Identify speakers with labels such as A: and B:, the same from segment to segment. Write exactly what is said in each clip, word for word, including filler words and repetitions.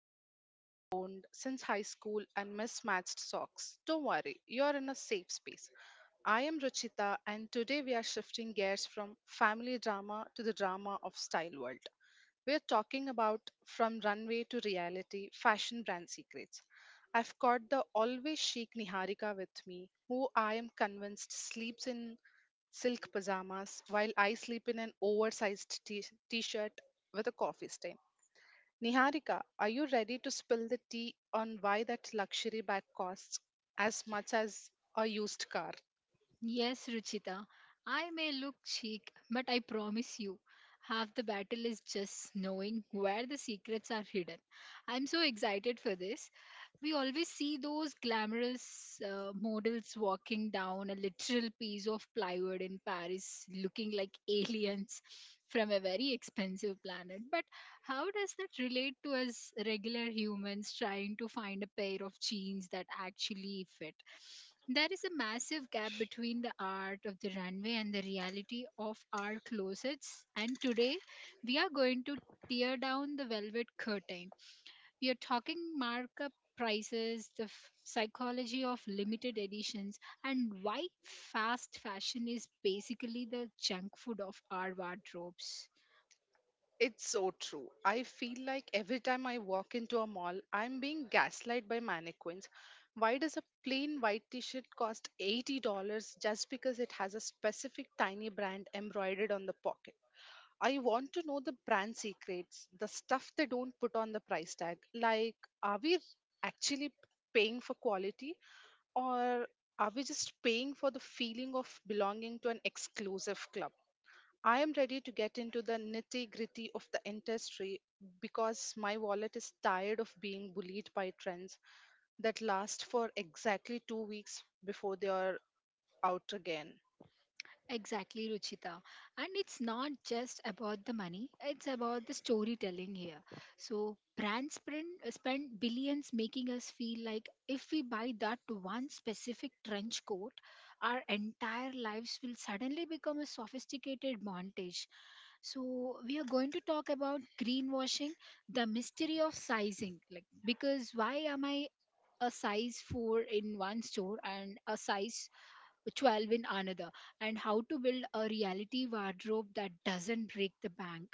A: sweatshirt you have owned since high school and mismatched socks, don't worry, you're in a safe space. I am Ruchita, and today we are shifting gears from family drama to the drama of style world. We're talking about from runway to reality fashion brand secrets. I've got the always chic Niharika with me, who I am convinced sleeps in silk pajamas, while I sleep in an oversized t shirt with a coffee stain. Niharika, are you ready to spill the tea on why that luxury bag costs as much as a used car?
B: Yes, Ruchita, I may look chic, but I promise you, half the battle is just knowing where the secrets are hidden. I'm so excited for this We always see those glamorous uh, models walking down a literal piece of plywood in Paris looking like aliens from a very expensive planet. But how does that relate to us regular humans trying to find a pair of jeans that actually fit? There is a massive gap between the art of the runway and the reality of our closets. And today we are going to tear down the velvet curtain We are talking markup prices, the f- psychology of limited editions, and why fast fashion is basically the junk food of our wardrobes.
A: It's so true. I feel like every time I walk into a mall, I'm being gaslight by mannequins. Why does a plain white t shirt cost eighty dollars just because it has a specific tiny brand embroidered on the pocket? I want to know the brand secrets, the stuff they don't put on the price tag. Like, are we actually paying for quality, or are we just paying for the feeling of belonging to an exclusive club? I am ready to get into the nitty gritty of the industry because my wallet is tired of being bullied by trends that last for exactly two weeks before they are out again.
B: Exactly, Ruchita. And it's not just about the money, it's about the storytelling here. So, brands spend, spend billions making us feel like if we buy that one specific trench coat, our entire lives will suddenly become a sophisticated montage. So, we are going to talk about greenwashing, the mystery of sizing. Like, because why am I a size four in one store and a size twelve in another, and how to build a reality wardrobe that doesn't break the bank.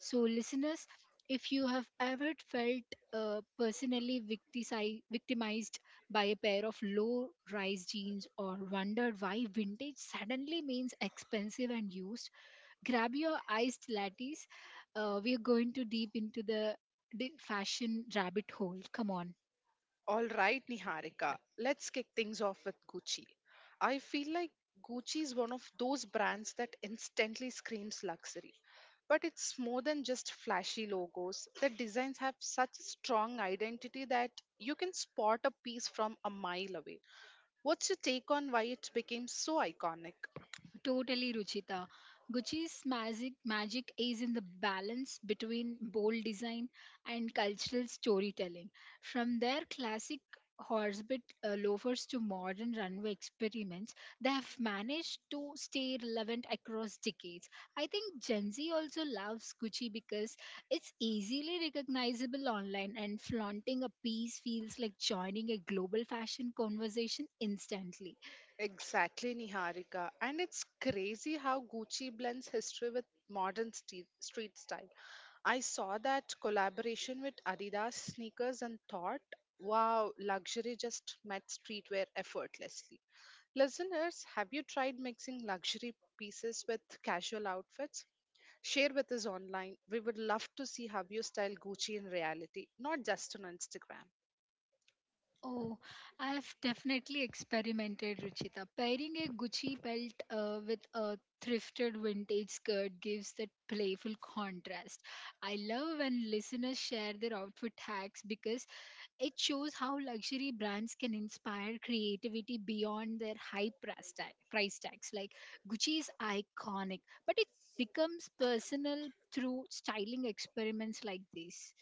B: So, listeners, if you have ever felt uh, personally victisi- victimized by a pair of low rise jeans or wondered why vintage suddenly means expensive and used, grab your iced lattes. Uh, we are going to deep into the di- fashion rabbit hole. Come on.
A: All right, Niharika, let's kick things off with Gucci. I feel like Gucci is one of those brands that instantly screams luxury. But it's more than just flashy logos. The designs have such a strong identity that you can spot a piece from a mile away. What's your take on why it became so iconic?
B: Totally, Ruchita. Gucci's magic, magic is in the balance between bold design and cultural storytelling. From their classic horsebit uh, loafers to modern runway experiments, they have managed to stay relevant across decades. I think Gen Z also loves Gucci because it's easily recognizable online, and flaunting a piece feels like joining a global fashion conversation instantly.
A: Exactly, Niharika. And it's crazy how Gucci blends history with modern ste- street style. I saw that collaboration with Adidas sneakers and thought, wow, luxury just met streetwear effortlessly. Listeners, have you tried mixing luxury pieces with casual outfits? Share with us online. We would love to see how you style Gucci in reality, not just on Instagram.
B: Oh, I've definitely experimented, Ruchita. Pairing a Gucci belt uh, with a thrifted vintage skirt gives that playful contrast. I love when listeners share their outfit hacks because it shows how luxury brands can inspire creativity beyond their high price, tag, price tags. Like Gucci is iconic, but it becomes personal through styling experiments like this.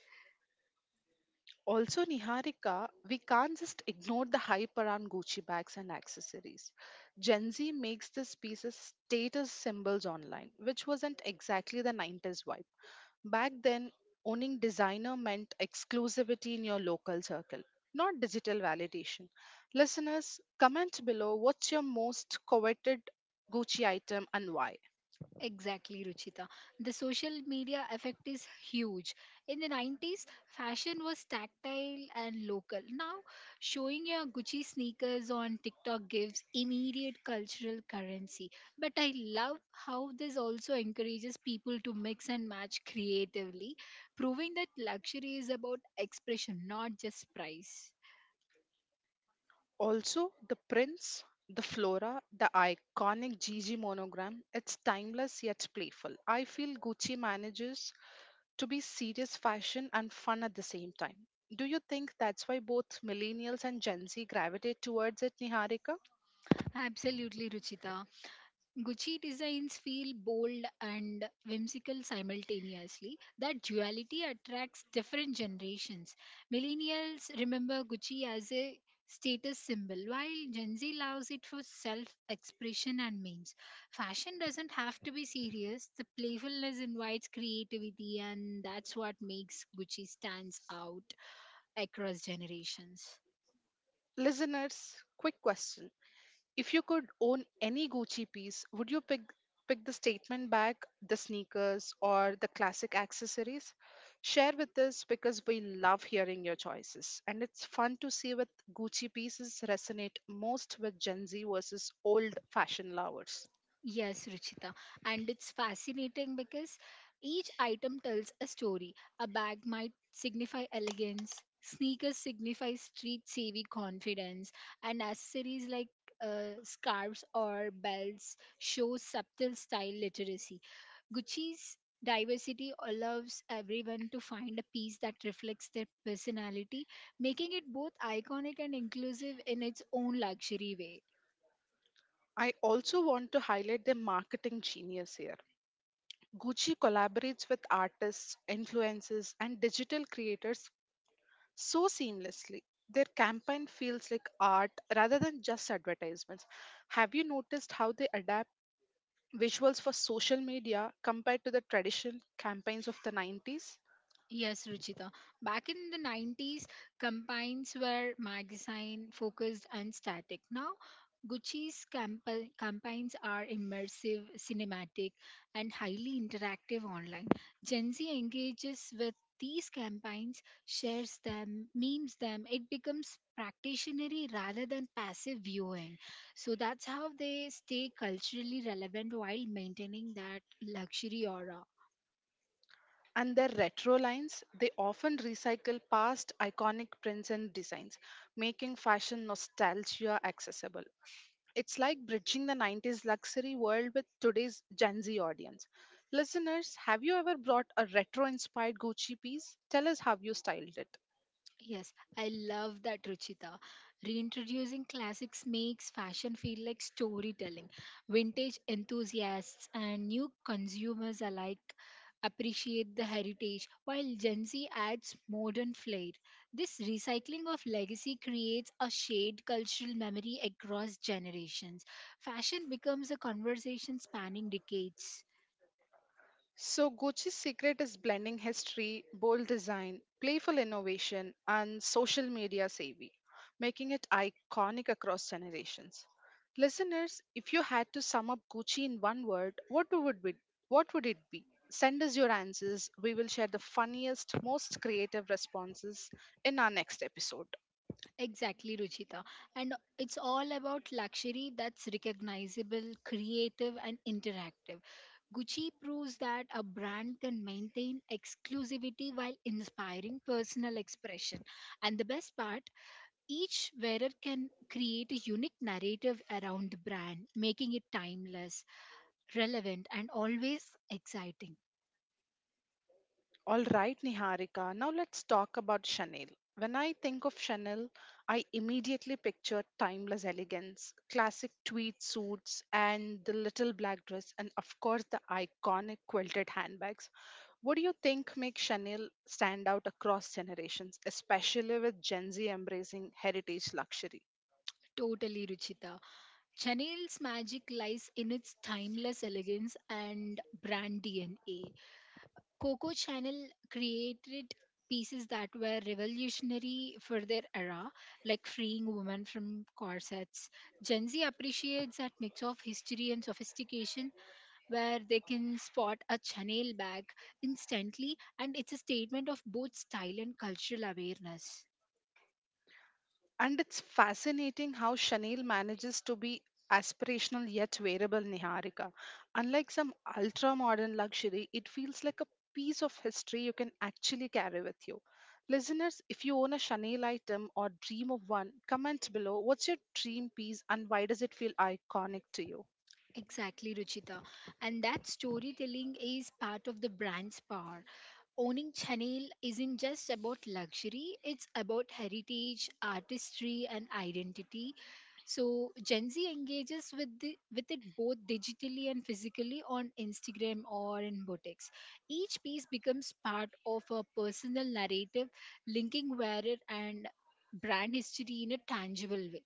A: Also, Niharika, we can't just ignore the hype around Gucci bags and accessories. Gen Z makes these pieces status symbols online, which wasn't exactly the nineties vibe. Back then, owning designer meant exclusivity in your local circle, not digital validation. Listeners, comment below what's your most coveted Gucci item and why.
B: Exactly, Ruchita. The social media effect is huge. In the nineties, fashion was tactile and local. Now, showing your Gucci sneakers on TikTok gives immediate cultural currency. But I love how this also encourages people to mix and match creatively, proving that luxury is about expression, not just price.
A: Also, the prints, the flora, the iconic Gigi monogram, it's timeless yet playful. I feel Gucci manages to be serious fashion and fun at the same time. Do you think that's why both millennials and Gen Z gravitate towards it, Niharika?
B: Absolutely, Ruchita. Gucci designs feel bold and whimsical simultaneously. That duality attracts different generations. Millennials remember Gucci as a status symbol, while Gen Z loves it for self expression and memes. Fashion doesn't have to be serious, the playfulness invites creativity, and that's what makes Gucci stands out across generations.
A: Listeners, quick question. If you could own any Gucci piece, would you pick pick the statement bag, the sneakers, or the classic accessories? Share with us because we love hearing your choices. And it's fun to see what Gucci pieces resonate most with Gen Z versus old fashion lovers.
B: Yes, Ruchita. And it's fascinating because each item tells a story. A bag might signify elegance, sneakers signify street savvy confidence, and accessories like uh, scarves or belts show subtle style literacy. Gucci's diversity allows everyone to find a piece that reflects their personality, making it both iconic and inclusive in its own luxury way.
A: I also want to highlight the marketing genius here. Gucci collaborates with artists, influencers, and digital creators so seamlessly. Their campaign feels like art rather than just advertisements. Have you noticed how they adapt visuals for social media compared to the traditional campaigns of the nineties?
B: Yes, Ruchita. Back in the nineties, campaigns were magazine focused and static. Now, Gucci's campa- campaigns are immersive, cinematic, and highly interactive online. Gen Z engages with these campaigns, shares them, memes them. It becomes practitionary rather than passive viewing. So that's how they stay culturally relevant while maintaining that luxury aura.
A: And their retro lines, they often recycle past iconic prints and designs, making fashion nostalgia accessible. It's like bridging the nineties luxury world with today's Gen Z audience. Listeners, have you ever brought a retro inspired Gucci piece? Tell us how you styled it.
B: Yes, I love that, Ruchita. Reintroducing classics makes fashion feel like storytelling. Vintage enthusiasts and new consumers alike appreciate the heritage, while Gen Z adds modern flair. This recycling of legacy creates a shared cultural memory across generations. Fashion becomes a conversation spanning decades.
A: So, Gucci's secret is blending history, bold design, playful innovation, and social media savvy, making it iconic across generations. Listeners, if you had to sum up Gucci in one word, what would be, what would it be? Send us your answers. We will share the funniest, most creative responses in our next episode.
B: Exactly, Ruchita. And it's all about luxury that's recognizable, creative, and interactive. Gucci proves that a brand can maintain exclusivity while inspiring personal expression. And the best part, each wearer can create a unique narrative around the brand, making it timeless, relevant, and always exciting.
A: All right, Niharika. Now let's talk about Chanel. When I think of Chanel, I immediately picture timeless elegance, classic tweed suits, and the little black dress, and of course, the iconic quilted handbags. What do you think makes Chanel stand out across generations, especially with Gen Z embracing heritage luxury?
B: Totally, Ruchita. Chanel's magic lies in its timeless elegance and brand D N A. Coco Channel created pieces that were revolutionary for their era, like freeing women from corsets. Gen Z appreciates that mix of history and sophistication where they can spot a Chanel bag instantly, and it's a statement of both style and cultural awareness.
A: And it's fascinating how Chanel manages to be aspirational yet wearable, Niharika. Unlike some ultra modern luxury, it feels like a piece of history you can actually carry with you. Listeners, if you own a Chanel item or dream of one, comment below what's your dream piece and why does it feel iconic to you?
B: Exactly, Ruchita. And that storytelling is part of the brand's power. Owning Chanel isn't just about luxury, it's about heritage, artistry, and identity. So Gen Z engages with the, with it both digitally and physically on Instagram or in boutiques. Each piece becomes part of a personal narrative, linking wearer and brand history in a tangible way.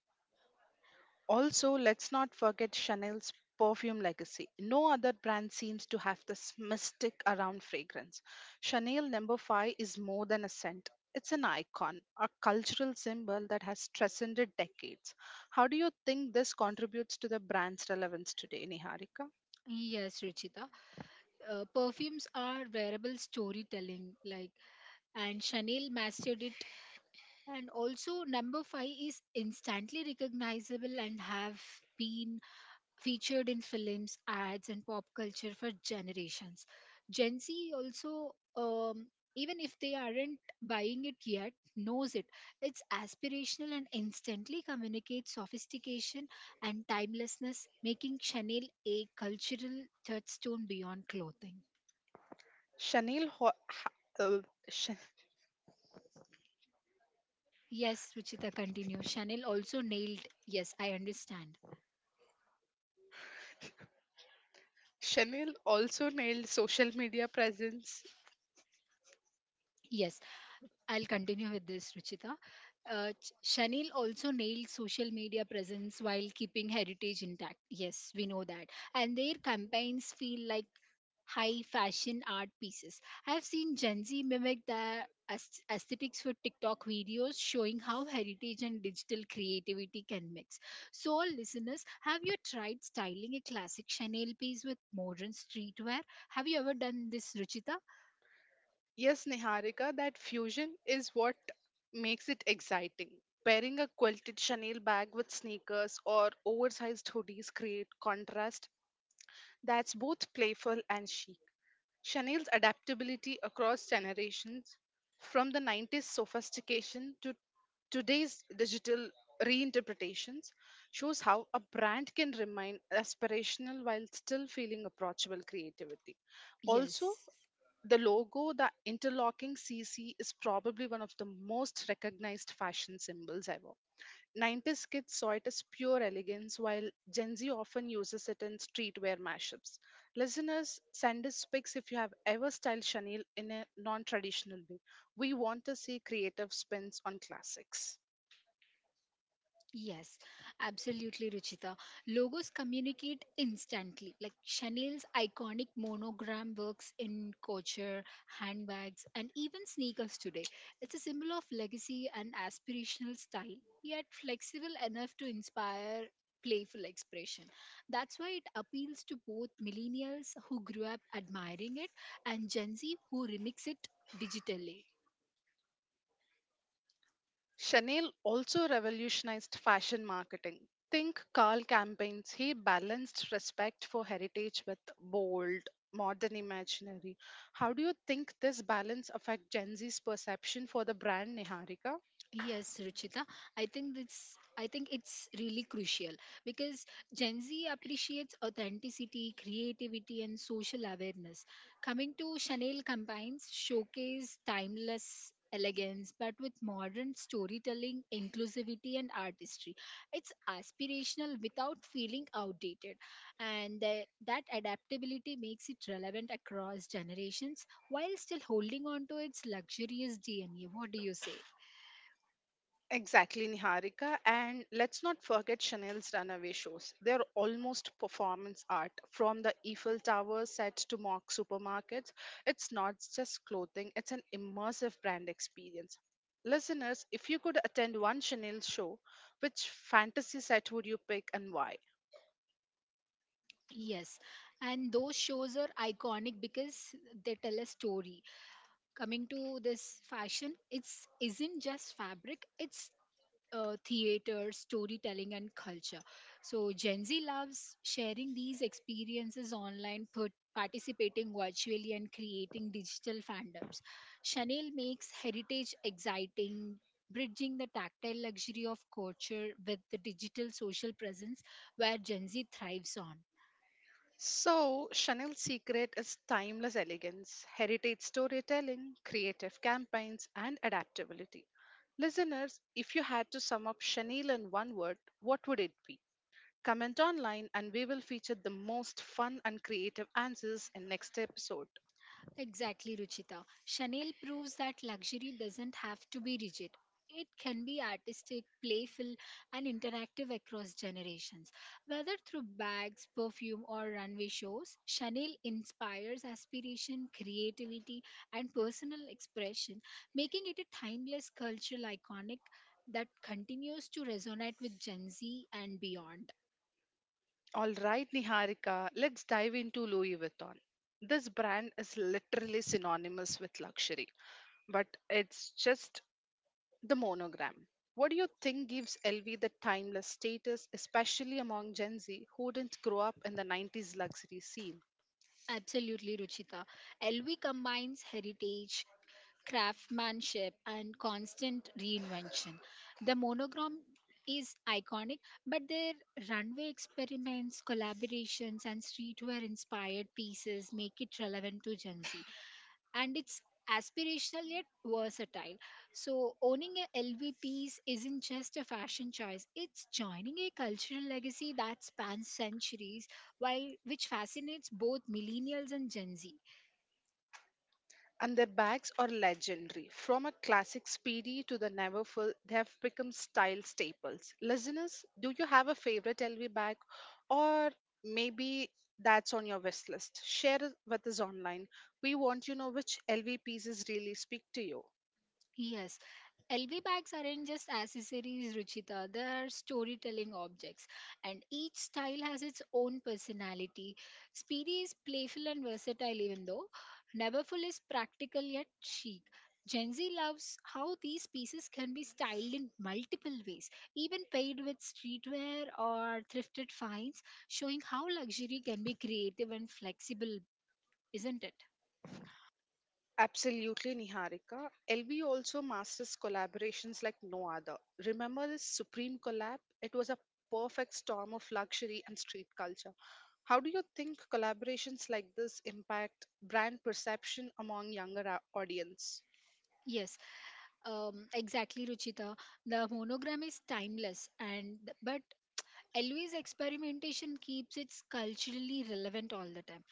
A: Also, let's not forget Chanel's perfume legacy. No other brand seems to have this mystic around fragrance. Chanel number five is more than a scent. It's an icon, a cultural symbol that has transcended decades. How do you think this contributes to the brand's relevance today, Niharika?
B: Yes, Ruchita, uh, perfumes are wearable storytelling like and chanel mastered it. And also, number five is instantly recognizable and have been featured in films, ads, and pop culture for generations. Gen Z also, um, even if they aren't buying it yet, knows it. It's aspirational and instantly communicates sophistication and timelessness, making Chanel a cultural touchstone beyond clothing.
A: Chanel ho- ha- uh, Ch-
B: Yes, Ruchita, continue. Chanel also nailed. Yes, I understand.
A: Chanel also nailed social media presence.
B: Yes, I'll continue with this, Ruchita. Uh, Ch- Chanel also nailed social media presence while keeping heritage intact. Yes, we know that. And their campaigns feel like high fashion art pieces. I've seen Gen Z mimic the aes- aesthetics for TikTok videos showing how heritage and digital creativity can mix. So, all listeners, have you tried styling a classic Chanel piece with modern streetwear? Have you ever done this, Ruchita?
A: Yes, Niharika, that fusion is what makes it exciting. Pairing a quilted Chanel bag with sneakers or oversized hoodies create contrast that's both playful and chic. Chanel's adaptability across generations, from the nineties sophistication to today's digital reinterpretations, shows how a brand can remain aspirational while still feeling approachable creativity. Also,
B: Yes.
A: the logo, the interlocking C C, is probably one of the most recognized fashion symbols ever. nineties kids saw it as pure elegance, while Gen Z often uses it in streetwear mashups. Listeners, send us pics if you have ever styled Chanel in a non traditional way. We want to see creative spins on classics.
B: Yes, absolutely, Ruchita. Logos communicate instantly. Like Chanel's iconic monogram works in couture, handbags, and even sneakers today. It's a symbol of legacy and aspirational style, yet flexible enough to inspire playful expression. That's why it appeals to both millennials who grew up admiring it and Gen Z who remix it digitally.
A: Chanel also revolutionized fashion marketing. Think Carl campaigns. He balanced respect for heritage with bold, modern imaginary. How do you think this balance affect Gen Z's perception for the brand, Niharika?
B: Yes, Ruchita. I think this I think it's really crucial because Gen Z appreciates authenticity, creativity and social awareness. Coming to Chanel campaigns showcase timeless elegance but with modern storytelling, inclusivity and artistry. It's aspirational without feeling outdated and the, that adaptability makes it relevant across generations while still holding on to its luxurious D N A. What do you say?
A: Exactly, Niharika. And let's not forget Chanel's runaway shows. They're almost performance art. From the Eiffel Tower sets to mock supermarkets, it's not just clothing, it's an immersive brand experience. Listeners, if you could attend one Chanel show, which fantasy set would you pick and why?
B: Yes, and those shows are iconic because they tell a story. Coming to this fashion, it's isn't just fabric, it's uh, theater, storytelling, and culture. So Gen Z loves sharing these experiences online, put, participating virtually, and creating digital fandoms. Chanel makes heritage exciting, bridging the tactile luxury of culture with the digital social presence where Gen Z thrives on.
A: So, Chanel's secret is timeless elegance, heritage storytelling, creative campaigns, and adaptability. Listeners, if you had to sum up Chanel in one word, what would it be? Comment online and we will feature the most fun and creative answers in next episode.
B: Exactly, Ruchita. Chanel proves that luxury doesn't have to be rigid. It can be artistic, playful, and interactive across generations. Whether through bags, perfume, or runway shows, Chanel inspires aspiration, creativity, and personal expression, making it a timeless cultural iconic that continues to resonate with Gen Z and beyond.
A: All right, Niharika, let's dive into Louis Vuitton. This brand is literally synonymous with luxury, but it's just the monogram. What do you think gives L V the timeless status, especially among Gen Z who didn't grow up in the nineties luxury scene?
B: Absolutely, Ruchita. L V combines heritage, craftsmanship, and constant reinvention. The monogram is iconic, but their runway experiments, collaborations, and streetwear inspired pieces make it relevant to Gen Z. And it's aspirational yet versatile. So, owning a L V piece isn't just a fashion choice, it's joining a cultural legacy that spans centuries, while which fascinates both millennials and Gen Z.
A: And their bags are legendary. From a classic Speedy to the Neverfull, they have become style staples. Listeners, do you have a favorite L V bag? Or maybe that's on your wish list? Share it with us online. We want to know which L V pieces really speak to you.
B: Yes, L V bags aren't just accessories, Ruchita. They are storytelling objects, and each style has its own personality. Speedy is playful and versatile, even though Neverfull is practical yet chic. Gen Z loves how these pieces can be styled in multiple ways, even paired with streetwear or thrifted finds, showing how luxury can be creative and flexible, isn't it?
A: Absolutely, Niharika. L V also masters collaborations like no other. Remember this Supreme collab? It was a perfect storm of luxury and street culture. How do you think collaborations like this impact brand perception among younger au- audience?
B: Yes, um, exactly, Ruchita. The monogram is timeless, and but Elvis experimentation keeps it culturally relevant all the time.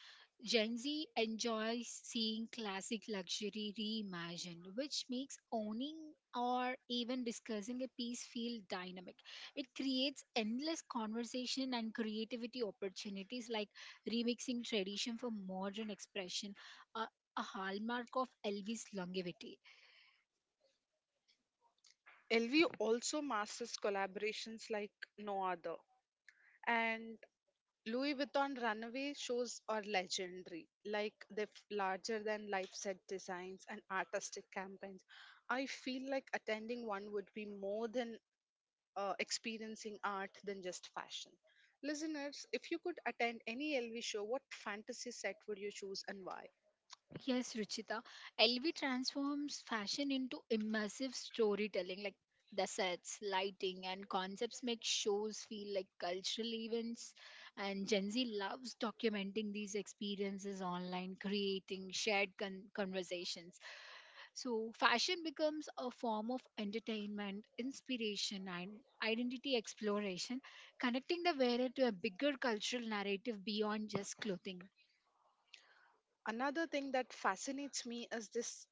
B: Gen Z enjoys seeing classic luxury reimagined, which makes owning or even discussing a piece feel dynamic. It creates endless conversation and creativity opportunities, like remixing tradition for modern expression, a, a hallmark of Elvis' longevity.
A: L V also masters collaborations like no other. And Louis Vuitton runway shows are legendary, like the larger than life set designs and artistic campaigns. I feel like attending one would be more than uh, experiencing art than just fashion. Listeners, if you could attend any L V show, what fantasy set would you choose and why?
B: Yes, Ruchita. L V transforms fashion into immersive storytelling. Like the sets, lighting, and concepts make shows feel like cultural events. And Gen Z loves documenting these experiences online, creating shared con- conversations. So, fashion becomes a form of entertainment, inspiration, and identity exploration, connecting the wearer to a bigger cultural narrative beyond just clothing.
A: Another thing that fascinates me is this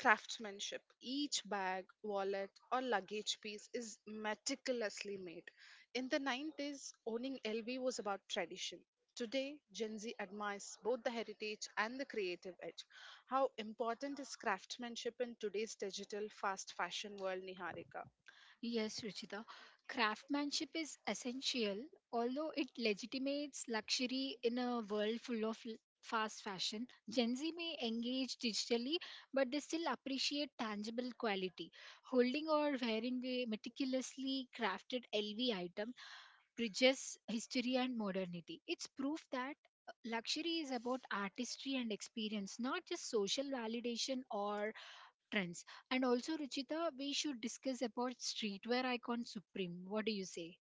A: craftsmanship. Each bag, wallet, or luggage piece is meticulously made. In the nineties, owning L V was about tradition. Today, Gen Z admires both the heritage and the creative edge. How important is craftsmanship in today's digital fast fashion world, Niharika?
B: Yes, Ruchita. Craftsmanship is essential, although it legitimates luxury in a world full of l- fast fashion. Gen Z may engage digitally, but they still appreciate tangible quality. Holding or wearing a meticulously crafted L V item bridges history and modernity. It's proof that uh, luxury is about artistry and experience, not just social validation or trends. And also, Ruchita, we should discuss about streetwear icon Supreme. What do you say?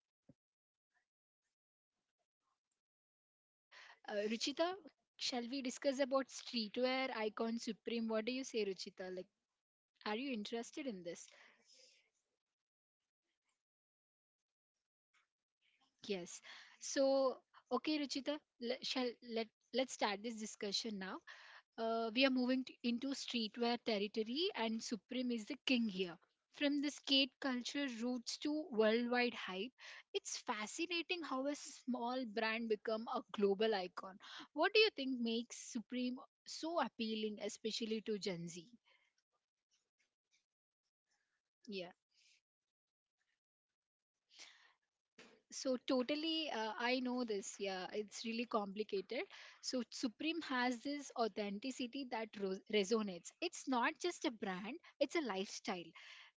B: Uh, Ruchita, shall we discuss about streetwear icon Supreme? What do you say, Ruchita? Like, are you interested in this? Yes. So, okay, Ruchita, le- shall let let's start this discussion now. uh, we are moving t- into streetwear territory, and Supreme is the king here. From the skate culture roots to worldwide hype, it's fascinating how a small brand become a global icon. What do you think makes Supreme so appealing, especially to Gen Z? Yeah. So totally, uh, I know this. Yeah, it's really complicated. So Supreme has this authenticity that ro- resonates. It's not just a brand; it's a lifestyle.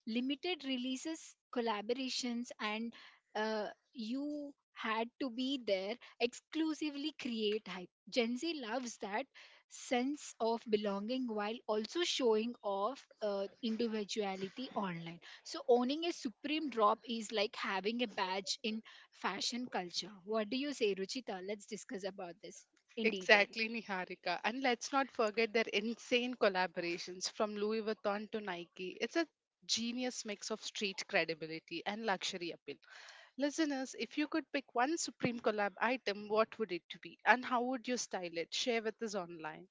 B: Limited releases, collaborations, and uh, you had to be there exclusively create hype. Gen Z loves that sense of belonging while also showing off uh, individuality online. So owning a Supreme drop is like having a badge in fashion culture. What do you say, Ruchita? Let's discuss about this in detail.
A: Exactly, Niharika. And let's not forget their insane collaborations from Louis Vuitton to Nike. It's a genius mix of street credibility and luxury appeal. Listeners, if you could pick one Supreme collab item, what would it be? And how would you style it? Share with us online.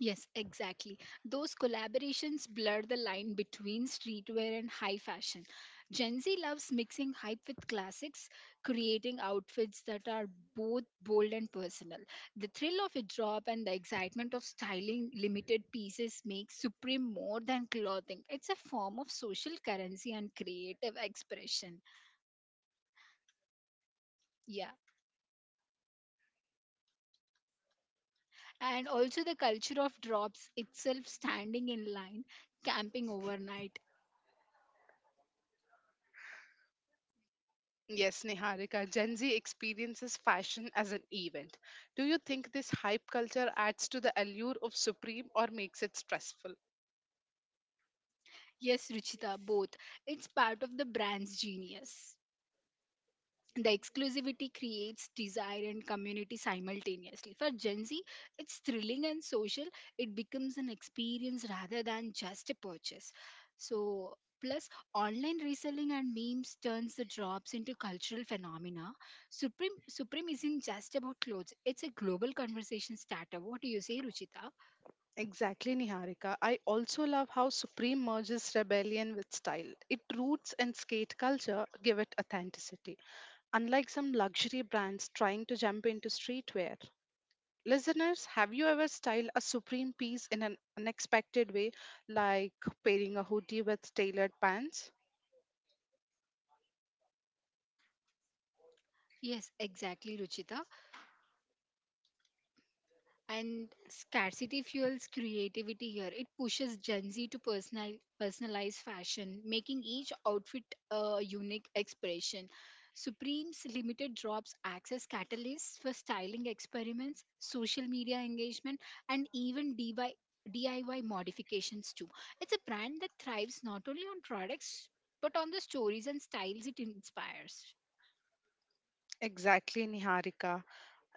B: Yes, exactly. Those collaborations blur the line between streetwear and high fashion. Gen Z loves mixing hype with classics, creating outfits that are both bold and personal. The thrill of a drop and the excitement of styling limited pieces makes Supreme more than clothing. It's a form of social currency and creative expression. Yeah. And also the culture of drops itself, standing in line, camping overnight.
A: Yes, Niharika, Gen Z experiences fashion as an event. Do you think this hype culture adds to the allure of Supreme or makes it stressful?
B: Yes, Ruchita, both. It's part of the brand's genius. The exclusivity creates desire and community simultaneously. For Gen Z, it's thrilling and social. It becomes an experience rather than just a purchase. So, plus online reselling and memes turns the drops into cultural phenomena. Supreme Supreme isn't just about clothes. It's a global conversation starter. What do you say, Ruchita?
A: Exactly, Niharika. I also love how Supreme merges rebellion with style. It roots and skate culture give it authenticity, unlike some luxury brands trying to jump into streetwear. Listeners, have you ever styled a Supreme piece in an unexpected way, like pairing a hoodie with tailored pants?
B: Yes, exactly, Ruchita. And scarcity fuels creativity here. It pushes Gen Z to personal, personalize fashion, making each outfit a unique expression. Supreme's limited drops acts as catalysts for styling experiments, social media engagement, and even DIY, D I Y modifications too. It's a brand that thrives not only on products but on the stories and styles it inspires.
A: Exactly, Niharika.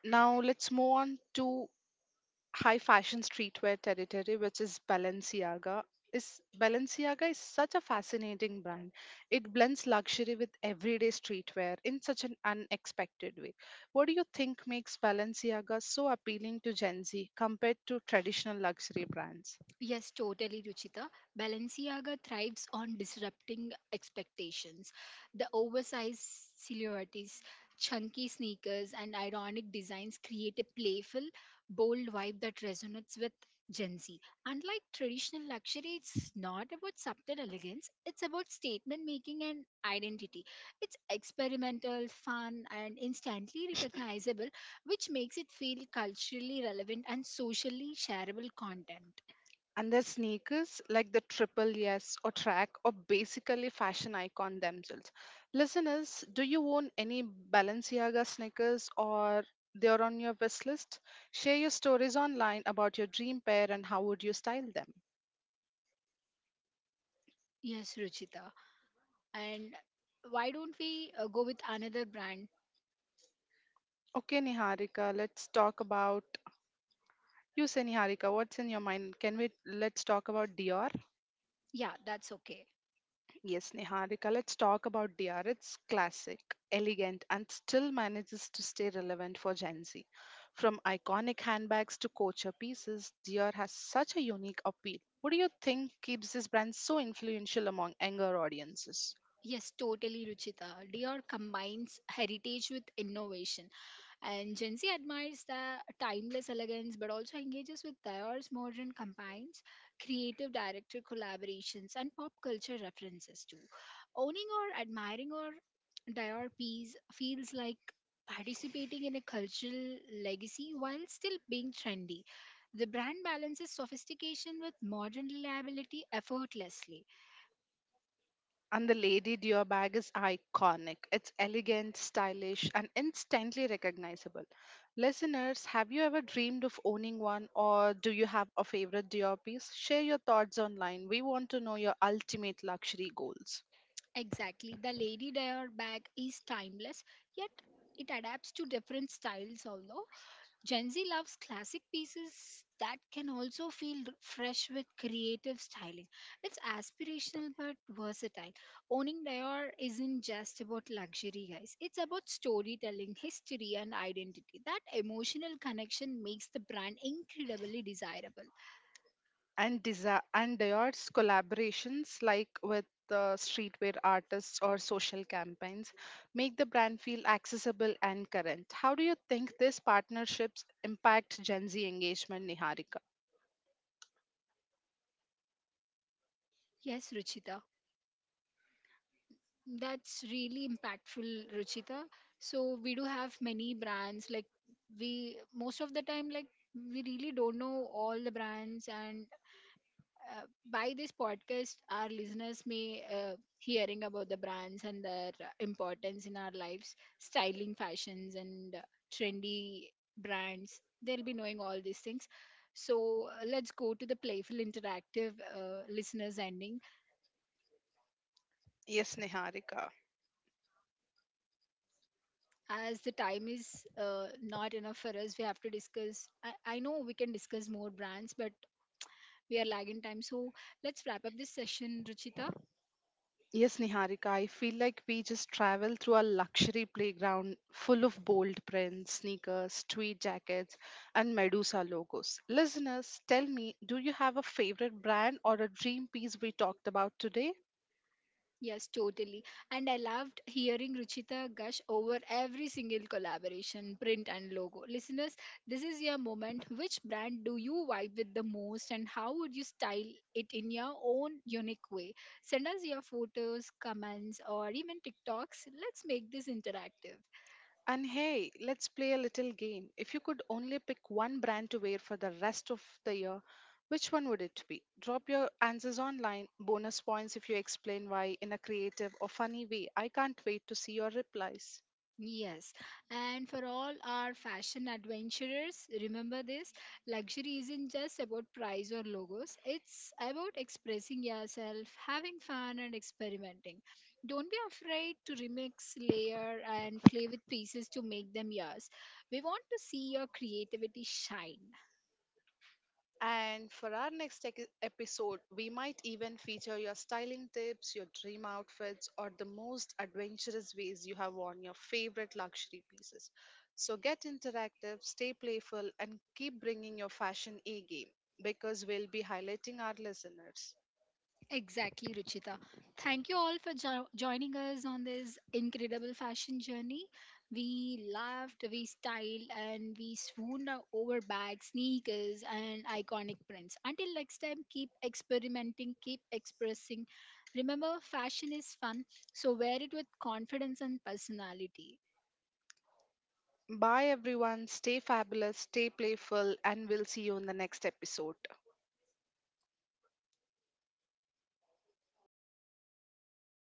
A: Now let's move on to high fashion streetwear territory, which is Balenciaga. Is Balenciaga is such a fascinating brand. It blends luxury with everyday streetwear in such an unexpected way. What do you think makes Balenciaga so appealing to Gen Z compared to traditional luxury brands?
B: Yes, totally, Ruchita. Balenciaga thrives on disrupting expectations. The oversized silhouettes, chunky sneakers, and ironic designs create a playful, bold vibe that resonates with Gen Z. Unlike traditional luxury, it's not about subtle elegance, it's about statement making and identity. It's experimental, fun, and instantly recognizable, which makes it feel culturally relevant and socially shareable content.
A: And their sneakers, like the Triple Yes or Track, are basically fashion icon themselves. Listeners, do you own any Balenciaga sneakers or they're on your wish list? Share your stories online about your dream pair and how would you style them.
B: Yes, Ruchita. And why don't we uh, go with another brand?
A: Okay, Niharika, let's talk about, you say Niharika, what's in your mind? Can we, let's talk about Dior?
B: Yeah, that's okay.
A: Yes, Niharika, let's talk about D R. It's classic, elegant, and still manages to stay relevant for Gen Z. From iconic handbags to culture pieces, D R has such a unique appeal. What do you think keeps this brand so influential among younger audiences?
B: Yes, totally, Ruchita. Dior combines heritage with innovation. And Gen Z admires the timeless elegance but also engages with diverse modern combines, creative director collaborations, and pop culture references too. Owning or admiring or Dior piece feels like participating in a cultural legacy while still being trendy. The brand balances sophistication with modern reliability effortlessly.
A: And the Lady Dior bag is iconic. It's elegant, stylish, and instantly recognizable. Listeners, have you ever dreamed of owning one or do you have a favorite Dior piece? Share your thoughts online. We want to know your ultimate luxury goals.
B: Exactly, the Lady Dior bag is timeless, yet it adapts to different styles. Although Gen Z loves classic pieces that can also feel r- fresh with creative styling. It's aspirational but versatile. Owning Dior isn't just about luxury, guys. It's about storytelling, history, and identity. That emotional connection makes the brand incredibly desirable.
A: And, desi- and Dior's collaborations, like with the streetwear artists or social campaigns, make the brand feel accessible and current. How do you think these partnerships impact Gen Z engagement, Niharika?
B: Yes, Ruchita. That's really impactful, Ruchita. So we do have many brands, like, we most of the time, like, we really don't know all the brands, and uh, by this podcast our listeners may uh, hearing about the brands and their uh, importance in our lives, styling, fashions, and uh, trendy brands, they'll be knowing all these things. So uh, let's go to the playful interactive uh, listeners ending,
A: Yes, Niharika.
B: as the time is uh, not enough for us. We have to discuss. I, I know we can discuss more brands, but we are lagging time, so let's wrap up this session, Ruchita.
A: Yes, Niharika, I feel like we just travel through a luxury playground full of bold prints, sneakers, tweed jackets, and Medusa logos. Listeners, tell me, do you have a favorite brand or a dream piece we talked about today?
B: Yes, totally. And I loved hearing Ruchita gush over every single collaboration, print, and logo. Listeners, this is your moment. Which brand do you vibe with the most, and how would you style it in your own unique way? Send us your photos, comments, or even TikToks. Let's make this interactive.
A: And hey, let's play a little game. If you could only pick one brand to wear for the rest of the year, which one would it be? Drop your answers online. Bonus points if you explain why in a creative or funny way. I can't wait to see your replies.
B: Yes, and for all our fashion adventurers, remember this: luxury isn't just about price or logos, it's about expressing yourself, having fun, and experimenting. Don't be afraid to remix, layer, and play with pieces to make them yours. We want to see your creativity shine.
A: And for our next ec- episode, we might even feature your styling tips, your dream outfits, or the most adventurous ways you have worn your favorite luxury pieces. So get interactive, stay playful, and keep bringing your fashion A game because we'll be highlighting our listeners.
B: Exactly, Ruchita. Thank you all for jo- joining us on this incredible fashion journey. We laughed, we styled, and we swooned o- over bags, sneakers, and iconic prints. Until next time, keep experimenting, keep expressing. Remember, fashion is fun, so wear it with confidence and personality.
A: Bye, everyone. Stay fabulous, stay playful, and we'll see you in the next episode.